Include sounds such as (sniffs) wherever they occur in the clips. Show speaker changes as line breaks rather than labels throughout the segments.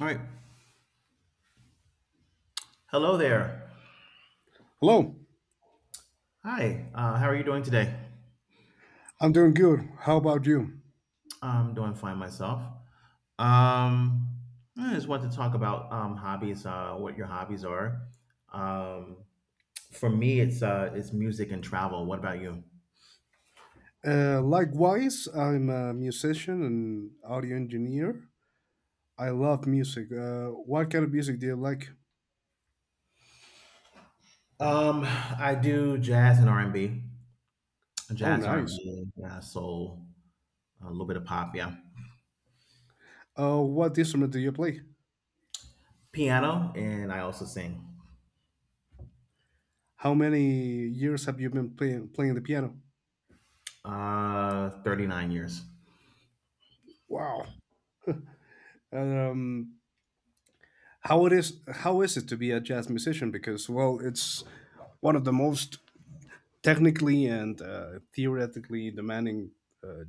All right. Hello there.
Hello,
Hi. How are you doing today?
I'm doing good. How about you?
I'm doing fine myself. Um, I just want to talk about hobbies. What your hobbies are. Um, for me, it's music and travel. What about you?
Likewise, I'm a musician and audio engineer. I love music. What kind of music do you like?
I do jazz and R and B,
Oh,
jazz R and
nice.
B, yeah, soul, a little bit of pop, yeah,
What instrument do you play?
piano, and I also sing.
How many years have you been playing the piano?
Thirty nine years.
Wow. Um, how it is? How is it to be a jazz musician? Because, well, it's one of the most technically and theoretically demanding uh,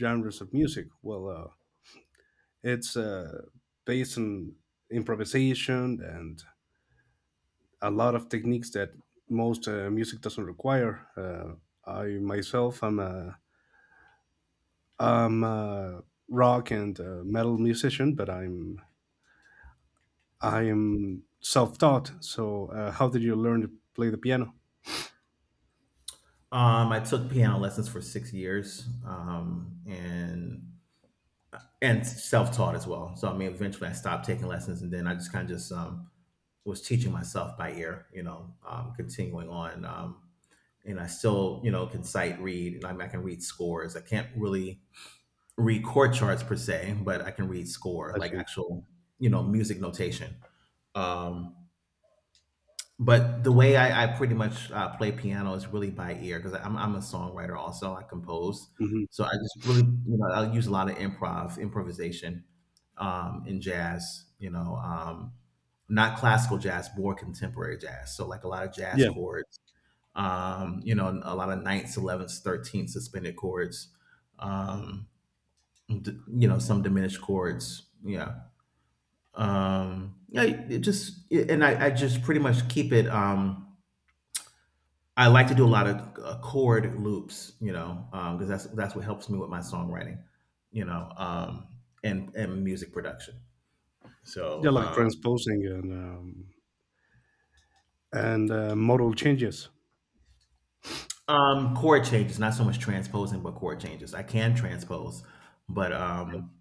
genres of music. Well, it's based on improvisation and a lot of techniques that most music doesn't require. I myself, I'm a rock and metal musician, but I am self-taught. So, how did you learn to play the piano?
I took piano lessons for 6 years, and self-taught as well. So I mean, eventually I stopped taking lessons, and then I just kind of just was teaching myself by ear. Continuing on, and I still can sight read. I mean, I can read scores. I can't really read chord charts per se, but I can read score,
I
like
see.
actual music notation. Um, but the way I pretty much play piano is really by ear because I'm a songwriter also. I compose,
Hmm.
so I just really I use a lot of improvisation, in jazz. Not classical jazz, more contemporary jazz. So like a lot of jazz
Yeah,
chords. A lot of ninths, elevenths, 13th suspended chords. Um, some diminished chords. Yeah. Yeah. It just and I just pretty much keep it. I like to do a lot of chord loops, because that's what helps me with my songwriting, you know, um, and music production.
yeah,
So
like transposing and and modal changes.
chord changes, not so much transposing, but chord changes. I can transpose, but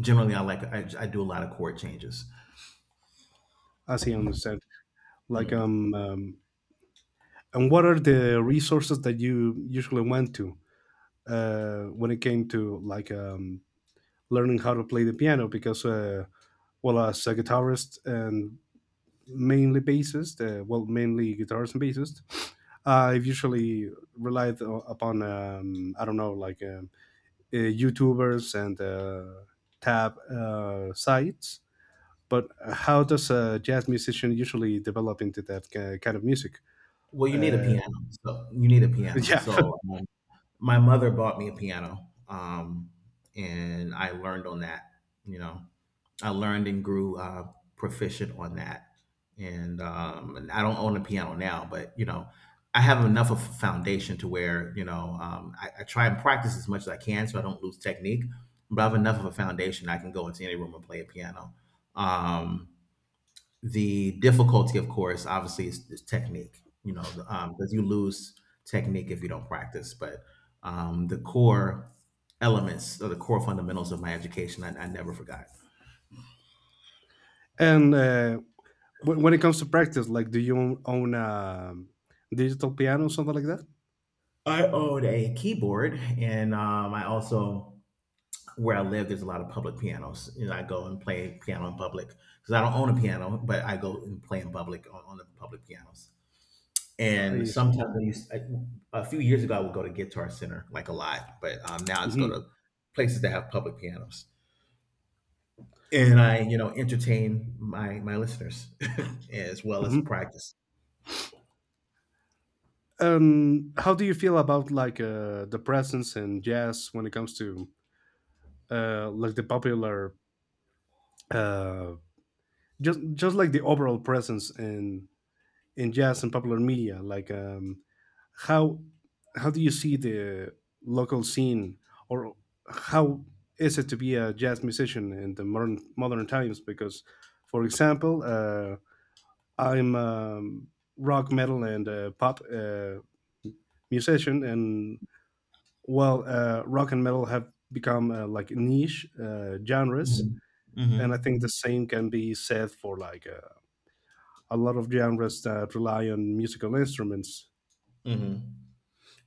generally, I do a lot of chord changes.
As I understand, like
Mm.
and what are the resources that you usually went to? When it came to, like learning how to play the piano, because well, as a guitarist and mainly guitarist and bassist, I've usually relied upon, I don't know, like YouTubers and tab sites. But how does a jazz musician usually develop into that kind of music?
Well, you need a
uh,
piano, so you need a
(laughs)
piano.
yeah.
So my mother bought me a piano, and I learned on that. You know, I learned and grew proficient on that. And I don't own a piano now, but I have enough of a foundation to where I try and practice as much as I can, so I don't lose technique. But I have enough of a foundation I can go into any room and play a piano. Um, the difficulty, of course, obviously is technique. Because you lose technique if you don't practice. But the core elements or the core fundamentals of my education, I never forgot.
And when it comes to practice, like, do you own a digital piano or something like that?
I owned a keyboard, and I also where I live, there's a lot of public pianos. You know, I go and play piano in public because I don't own a piano, but I go and play in public on the public pianos. And
I see.
sometimes I used I, a few years ago I would go to Guitar Center like a lot, but now it's go
Hmm.
to places that have public pianos, and I entertain my listeners (laughs) as well as
Hmm.
practice.
How do you feel about, like the presence in jazz when it comes to, like, the popular, uh, just like the overall presence in jazz and popular media? Like, how how do you see the local scene, or how is it to be a jazz musician in the modern times? Because, for example, I'm a rock, metal, and pop musician, and, well, rock and metal have become, like, niche genres,
Hmm. Hmm.
and I think the same can be said for, like, a lot of genres that rely on musical instruments.
Hmm.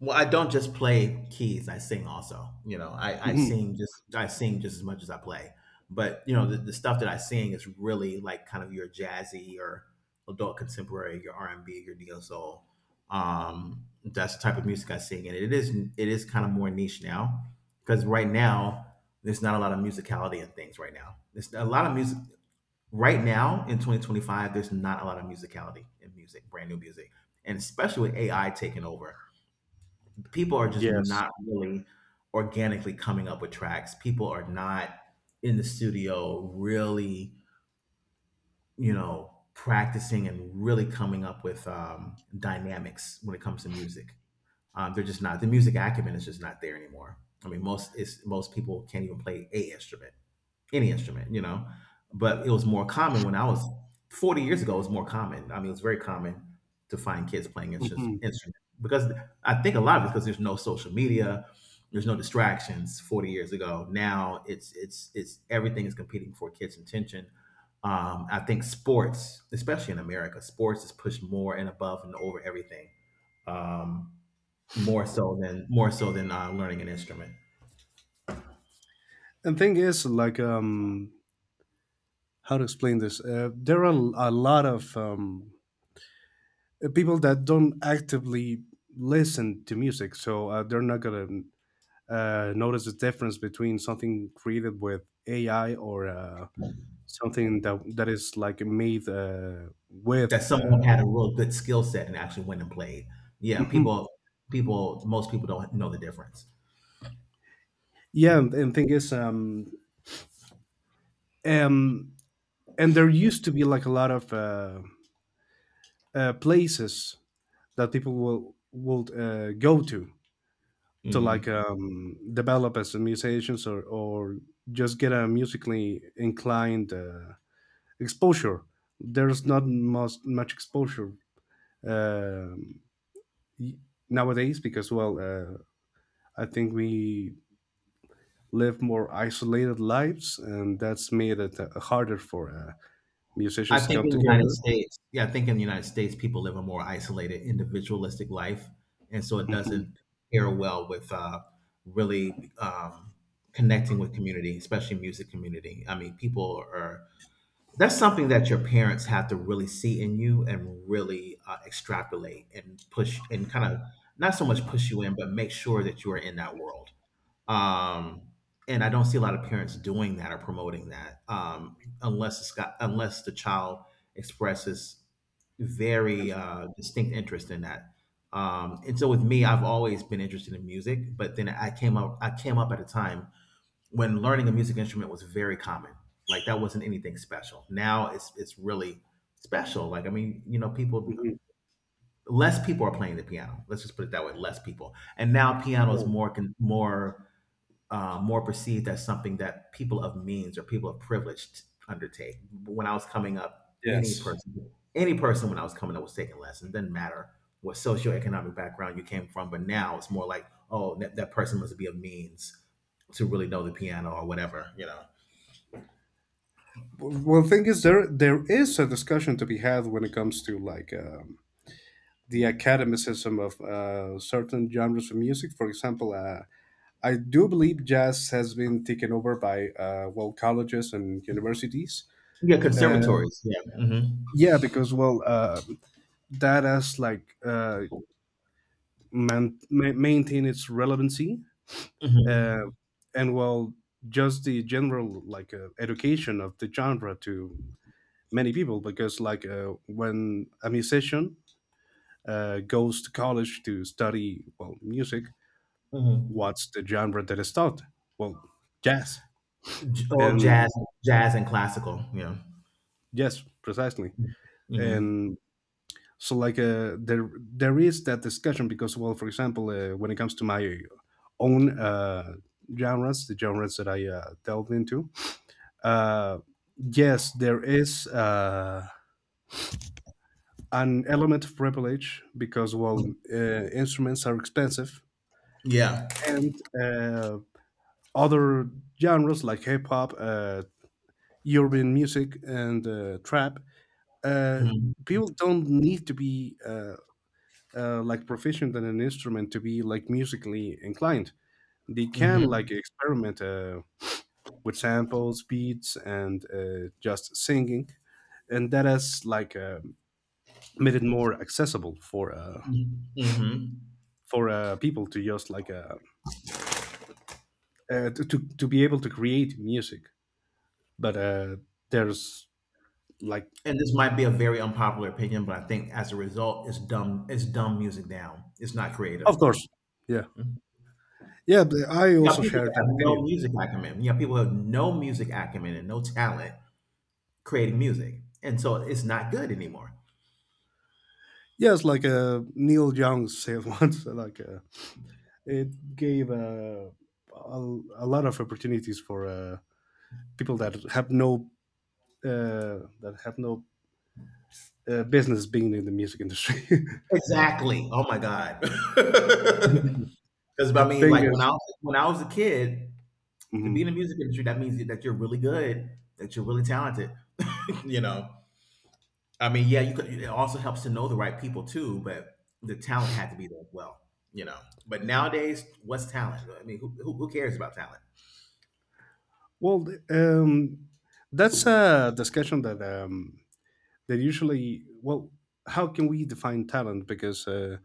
Well, I don't just play keys. I sing also. You know, I
Mhm.
sing just as much as I play. But you know, the stuff that I sing is really like kind of your jazzy or adult contemporary, your R and B, your neo soul. That's the type of music I sing, and it is kind of more niche now because right now there's not a lot of musicality in things. Right now, there's a lot of music. Right now in 2025, there's not a lot of musicality in music, brand new music, and especially with AI taking over people are just
Yes.
not really organically coming up with tracks. People are not in the studio really, practicing and really coming up with dynamics when it comes to music. They're just not. The music acumen is just not there anymore. I mean, most people can't even play a instrument any instrument. But it was more common when I was 40 years ago. It was more common. I mean, it was very common to find kids playing
Hmm.
instruments because I think a lot of it's because there's no social media, there's no distractions. 40 years ago, now it's everything is competing for kids' attention. I think sports, especially in America, sports is pushed more and above and over everything, um, more so than learning an instrument.
And thing is, like, how to explain this? There are a lot of people that don't actively listen to music, so they're not gonna, notice the difference between something created with AI or something that is like made, with.
That someone had a real good skill set and actually went and played.
(laughs)
Yeah,
Mhm.
most people don't know the difference.
Yeah, and thing is, um, and there used to be, like, a lot of places that people will would go to, like,
Hmm.
develop as a musicians, or just get a musically inclined exposure. There's not much exposure um, y- nowadays, because, well, I think we live more isolated lives and that's made it harder for
I
musicians to
think
come
in the United
together.
States, Yeah, I think in the United States, people live a more isolated, individualistic life, and so it
Hmm.
doesn't pair well with really connecting with community, especially music community. I mean, people are that's something that your parents have to really see in you and really extrapolate and push and kind of not so much push you in, but make sure that you are in that world. Um, and I don't see a lot of parents doing that or promoting that unless it's got unless the child expresses very distinct interest in that. And so with me, I've always been interested in music, but then I came up at a time when learning a music instrument was very common. Like that wasn't anything special. Now it's really special. Like I mean, you know, people
Hmm.
less people are playing the piano. Let's just put it that way. Less people, and now piano is more con- more more perceived as something that people of means or people of privilege undertake. When I was coming up,
Yes.
any person when I was coming up was taking lessons. It didn't matter what socioeconomic background you came from, but now it's more like, oh, that person must be of means to really know the piano or whatever.
Well, thing is, there is a discussion to be had when it comes to, like, the
Mhm.
academicism of certain genres of music. For example, I do believe jazz has been taken over by, well, colleges and universities.
Yeah,
uh,
conservatories. Yeah. Mm-hmm.
yeah, because, well, that as, like, maintain its relevancy,
Mm-hmm.
uh, and, well, just the general, like, education of the genre to many people, because, like, when a musician goes to college to study, well, music,
Mm-hmm.
what's the genre that is taught? Well, jazz.
All
And
jazz, jazz and classical. Yeah.
yes, precisely.
Mm-hmm.
And so, like, there is that discussion, because, well, for example, when it comes to my own genres, the genres that I delved into, uh, yes, there is an element of privilege, because, well, instruments are expensive,
Yeah.
and uh, other genres, like hip-hop, urban music, and trap, uh,
Mm-hmm.
people don't need to be like, proficient in an instrument to be, like, musically inclined. They can, like, experiment with samples, beats, and just singing, and that has, like, made it more accessible for uh,
Mm-hmm. Mm-hmm.
for uh, people to just, like, to be able to create music. But there's, like,
And this might be a very unpopular opinion, but I think as a result, it's dumb. It's dumb music down. It's not creative.
of course. Yeah,
You
yeah, but I
have
also
people
share
that
that
have no
opinion.
music acumen. You have people who have no music acumen and no talent creating music, and so it's not good anymore.
Yes, like, Neil Young said (laughs) once, like. It gave a, a lot of opportunities for people that have no business being in the music industry.
Exactly. Oh my god.
(laughs)
(laughs) Because I mean,
Thing
like
is.
when I was a kid, to be
Mhm.
in the music industry, that means that you're really good, that you're really talented. (laughs) you know. I mean, yeah, you could. It also helps to know the right people too, but the talent had to be there as well, you know. But nowadays, what's talent? I mean, who cares about talent?
Well, um, that's a discussion that usually, well, how can we define talent? Because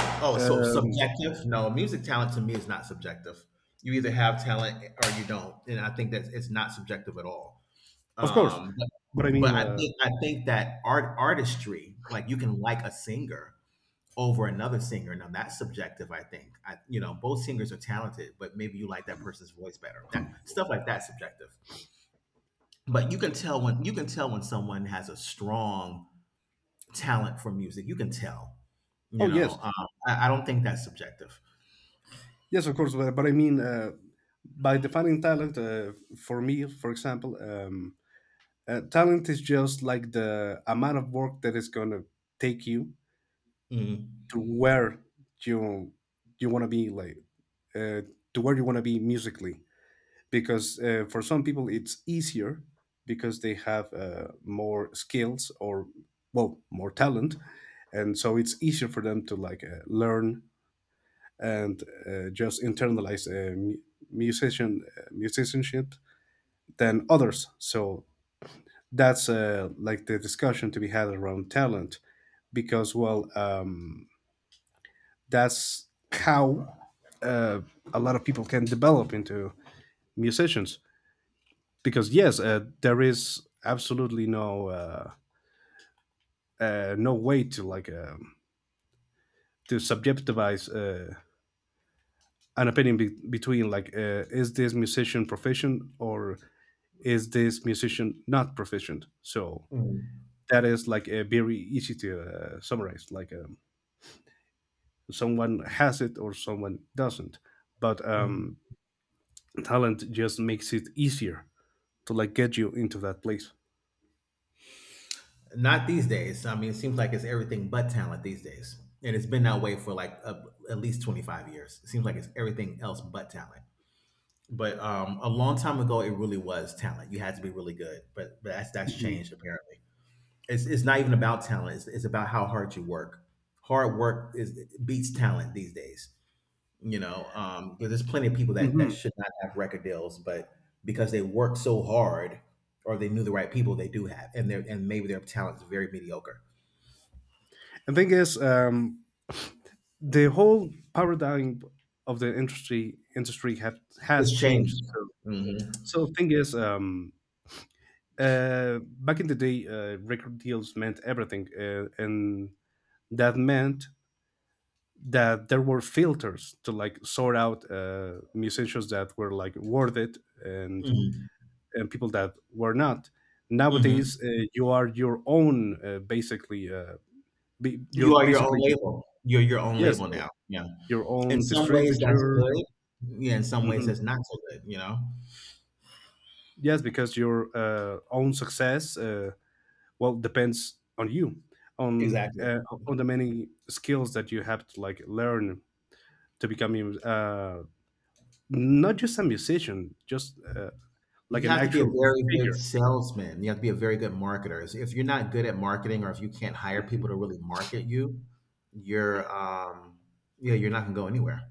Oh, so
um,
subjective? No, music talent to me is not subjective. You either have talent or you don't, and I think that it's not subjective at all.
of course, but I
But
mean,
I think that artistry, like you can like a singer over another singer. Now that's subjective. I think I, you know both singers are talented, but maybe you like that person's voice better. That stuff like that's subjective. But you can tell when someone has a strong talent for music. You can tell. You
oh,
know,
yes.
I don't think that's subjective.
Yes, of course, but I mean, by defining talent, for me, for example. Talent is just like the amount of work that it's gonna take you
Mm,
to where you you want to be, like, uh, to where you want to be musically. Because, for some people, it's easier because they have more skills or, well, more talent, and so it's easier for them to, like, learn and just internalize musicianship than others. So that's, like, the discussion to be had around talent, because, well, that's how uh, a lot of people can develop into musicians, because yes, there is absolutely no way to, like, to subjectivize an opinion between, like, is this musician proficient or is this musician not proficient. So
mm,
that is, like, very easy to summarize, like, someone has it or someone doesn't. But,
mm.
talent just makes it easier to, like, get you into that place.
Not these days. I mean, it seems like it's everything but talent these days, and it's been that way for like at least 25 years. It seems like it's everything else but talent. But a long time ago, it really was talent. You had to be really good, but, that's
Mm-hmm.
changed apparently. It's not even about talent. It's about how hard you work. Hard work is beats talent these days. You know, there's plenty of people that
Mm-hmm.
should not have record deals, but because they worked so hard or they knew the right people, they do have, and maybe their talent is very mediocre.
And thing is, the whole paradigm of the industry has
It's
changed.
changed.
So,
Mm-hmm.
so thing is, back in the day, record deals meant everything, and that meant that there were filters to, like, sort out musicians that were, like, worth it, and
Mm-hmm.
and people that were not.
Hmm.
Nowadays, you are your own, basically. You're
You are your own
basically,
label. You're your own
yes,
label now. Yeah.
your
In
own
some ways, that's
distributor.
good. Yeah. In some ways,
Mhm.
that's not so good.
Yes, because your own success, well, depends on you, on
Exactly.
uh, on the many skills that you have to, like, learn to become not just a musician, just like
You
an
have to be a
actual
very good
figure.
salesman. You have to be a very good marketer. If you're not good at marketing, or if you can't hire people to really market you, you're yeah, you're not gonna go anywhere.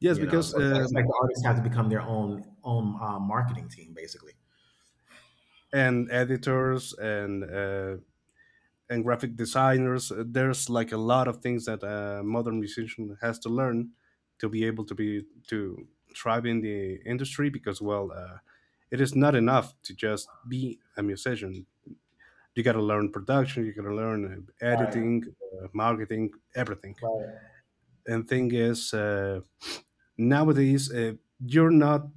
Yes,
You know,
because,
so it's like, the artists have to become their own marketing team, basically.
and editors, and graphic designers. There's, like, a lot of things that a modern musician has to learn to be able to be to thrive in the industry, because, well, it is not enough to just be a musician. You got to learn production, you got to learn,
Right,
editing, marketing, everything.
right.
And thing is, nowadays, you're not.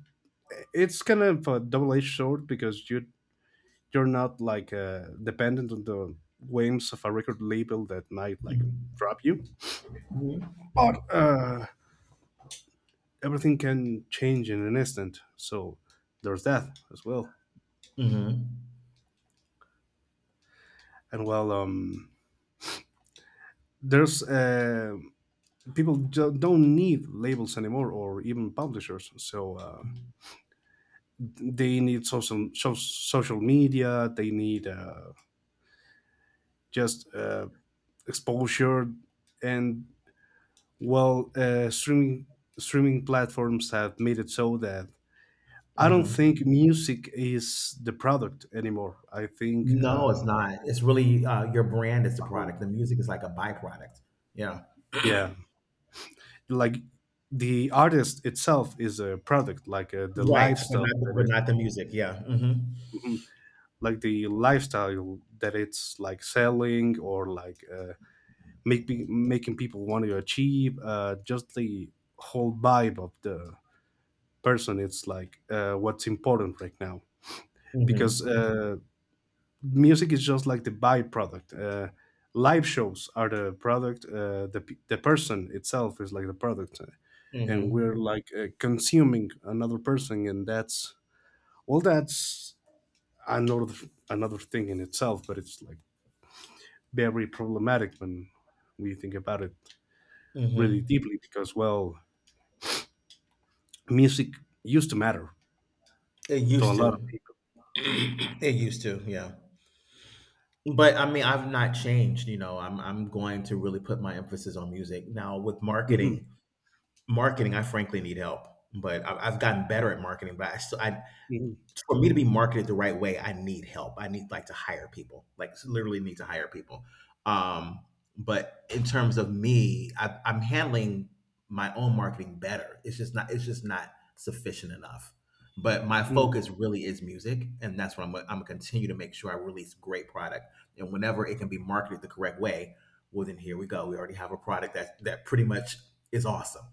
It's kind of a double-edged sword because you're not, like, dependent on the whims of a record label that might, like, drop you.
Mm-hmm.
Or, everything can change in an instant, so there's that as well.
Mm-hmm.
And, well, there's, people don't need labels anymore, or even publishers, so they need social, social media, they need just exposure, and, well, streaming platforms have made it so that I don't
Mm-hmm.
think music is the product anymore. I think,
No, it's not. It's really your brand is the
Uh-huh.
product. The music is like a byproduct. Yeah.
Yeah, like, the artist itself is a product, like, the
Right,
lifestyle that
but
it,
not the music. Yeah. Mhm.
Mhm. like the lifestyle that it's, like, selling, or, like, making people want to achieve. Just the whole vibe of the person. It's, like, what's important right now, because
Mhm.
music is just, like, the byproduct. Live shows are the product. The person itself is, like, the product, and we're,
Mhm.
like, consuming another person, and that's, well, that's another another thing in itself. But it's, like, very problematic when we think about it
Mhm.
really deeply, because, well, music used to matter
It
to a
used
lot
to.
of people.
(clears throat) It used to. Yeah. But I mean, I've not changed. You know, I'm going to really put my emphasis on music now with
Mhm,
marketing. Marketing, I frankly need help, but I've gotten better at marketing. But I still I,
mhm,
for me to be marketed the right way, I need help. I need like to hire people, like literally need to hire people. Um, but in terms of me, I'm handling my own marketing better. It's just not. It's just not sufficient enough. But my
mhm.
focus really is music, and that's what I'm gonna continue to make sure I release great product, and whenever it can be marketed the correct way, well, then here we go. We already have a product that pretty much is awesome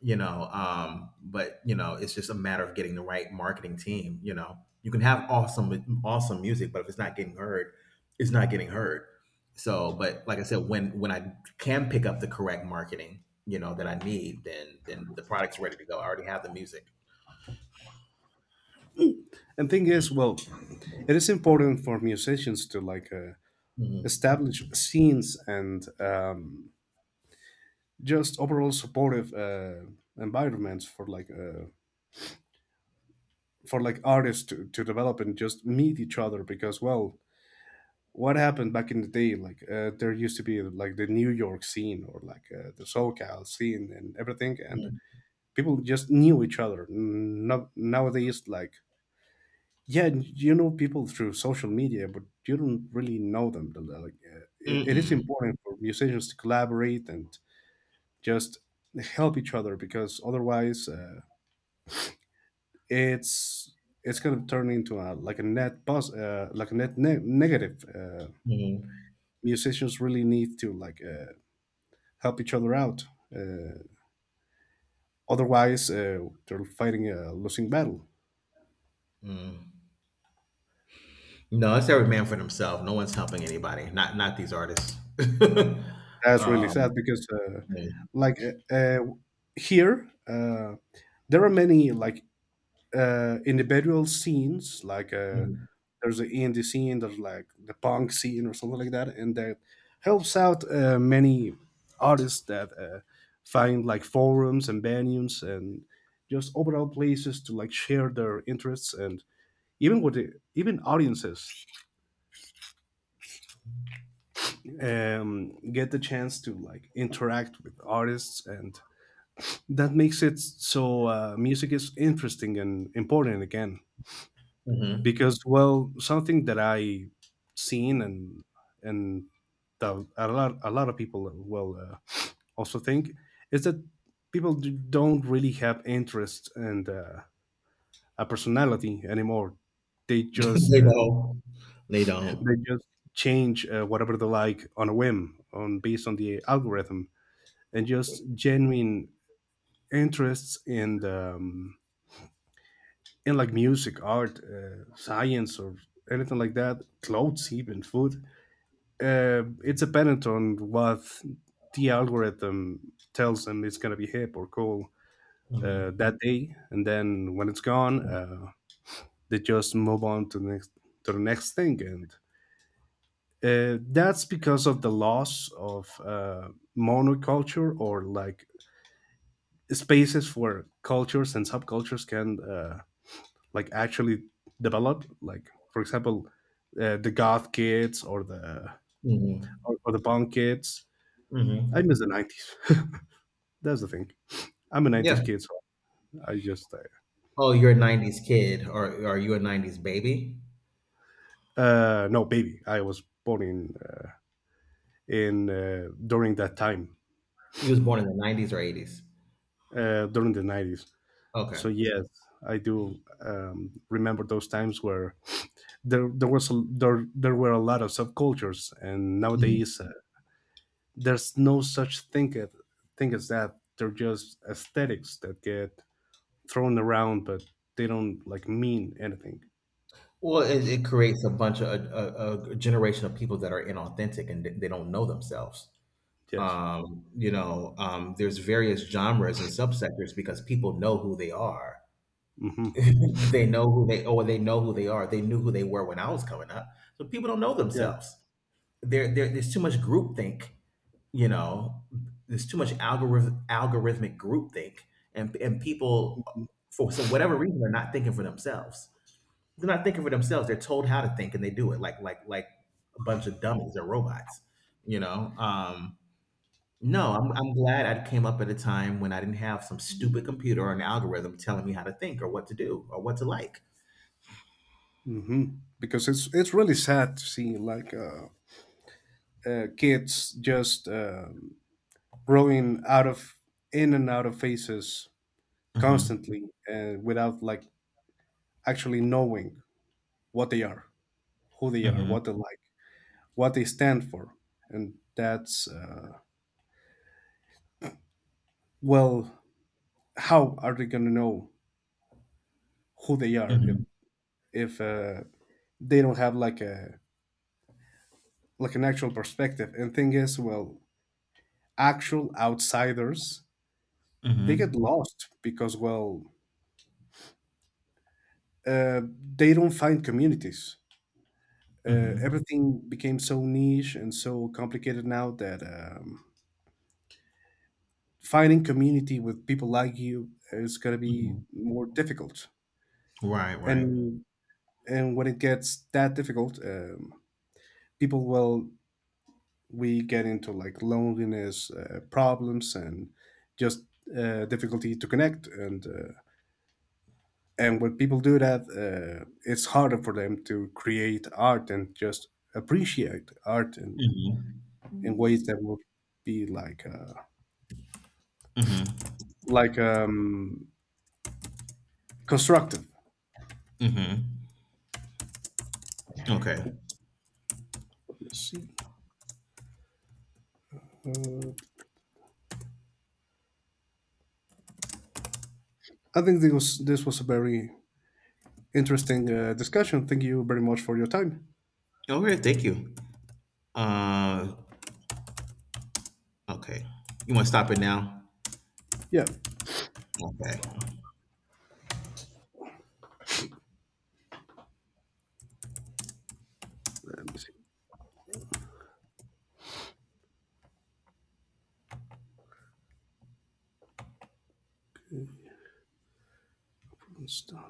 you know um but you know it's just a matter of getting the right marketing team. You can have awesome awesome music, but if it's not getting heard, it's not getting heard. So, but like I said, when I can pick up the correct marketing that I need, then the product's ready to go. I already have the music.
And thing is, well, it is important for musicians to, like,
Mhm.
established scenes and just overall supportive environments for, like, for, like, artists to, develop and just meet each other, because, well, what happened back in the day, like, there used to be, like, the New York scene, or, like, the SoCal scene and everything, and
Mhm.
people just knew each other. No, nowadays, like, yeah, you know people through social media, but you don't really know them, like, it is
Mm-mm.
important for musicians to collaborate and just help each other, because otherwise, it's it's going to turn into a, like, a net buzz, like a net negative.
Mhm.
Musicians really need to, like, help each other out, uh, otherwise, they're fighting a losing battle.
Mm. No, it's every man for himself. No one's helping anybody. Not these artists. (laughs)
That's really
um,
sad because,
mm,
like uh, uh, here, there are many, like, individual scenes, like,
mhm.
there's an indie scene, there's, like, the punk scene or something like that, and that helps out many artists that find, like, forums and venues and just overall places to, like, share their interests, and even with even audiences get the chance to, like, interact with artists, and that makes it so music is interesting and important again,
Mhm.
because, well, something that I seen and that a lot of people will, (sniffs) also think is that people don't really have interest and, a personality anymore. They
(laughs)
just
They don't. They
(laughs) they
don't.
just change, whatever they like, on a whim, on based on the algorithm. And just genuine interests in, in, like, music, art, science, or anything like that, clothes, even food, it's dependent on what the algorithm tells them it's going to be hip or cool,
Mhm.
that day, and then when it's gone, they just move on to the next, to the next thing, and, that's because of the loss of, monoculture, or, like, spaces where cultures and subcultures can, like, actually develop. Like, for example, the goth kids,
Mhm.
or the punk kids. I
Mhm.
miss the 90s. That's the thing. I'm a
Yeah.
'90s kid, so I just
Oh, you're a 90s kid or are you a 90s baby?
no, baby. I was born in during that time,
You was born in the 90s or 80s?
during the '90s.
Okay.
So yes, I do, remember those times where there there were a lot of subcultures, and
Mhm.
nowadays, there's no such thing as that. They're just aesthetics that get thrown around, but they don't, like, mean anything.
Well, it creates a bunch of a generation of people that are inauthentic and they don't know themselves.
Yes.
There's various genres and subsectors because people know who they are. (laughs)
Hmm.
They know who they are. They knew who they were when I was coming up. So people don't know
Yeah.
themselves. There there's too much groupthink. You know, there's too much algorithmic groupthink, and people for so whatever reason they're not thinking for themselves. They're not thinking for themselves. They're told how to think, and they do it like a bunch of dummies or robots. You know. No, I'm glad I came up at a time when I didn't have some stupid computer or an algorithm telling me how to think or what to do or what to like.
Hmm. Because it's really sad to see, like, kids just, growing out of in and out of phases
Mm-hmm.
constantly, without, like, actually knowing what they are, who they are,
Mm-hmm.
what they like, what they stand for. And that's, well, how are they going to know who they are if
Mm-hmm.
if uh, they don't have, like, a, like, an actual perspective. And thing is, well, actual outsiders, they get
Mm-hmm.
lost because, well, uh, they don't find communities. Everything became so niche and so complicated now that finding community with people like you is going to be
Mm-hmm.
more difficult.
Right, right.
And and when it gets that difficult, people will we get into, like, loneliness, problems, and just, difficulty to connect. And when people do that, it's harder for them to create art and just appreciate art, and
Mm-hmm.
in ways that will be, like.
Mm-hmm.
Like, constructive.
Mm-hmm. Okay.
Let's see. Uh, I think this was a very interesting discussion. Thank you very much for your time.
Okay, thank you. Uh okay. You wanna stop it now?
Yeah.
Okay.
Let me see.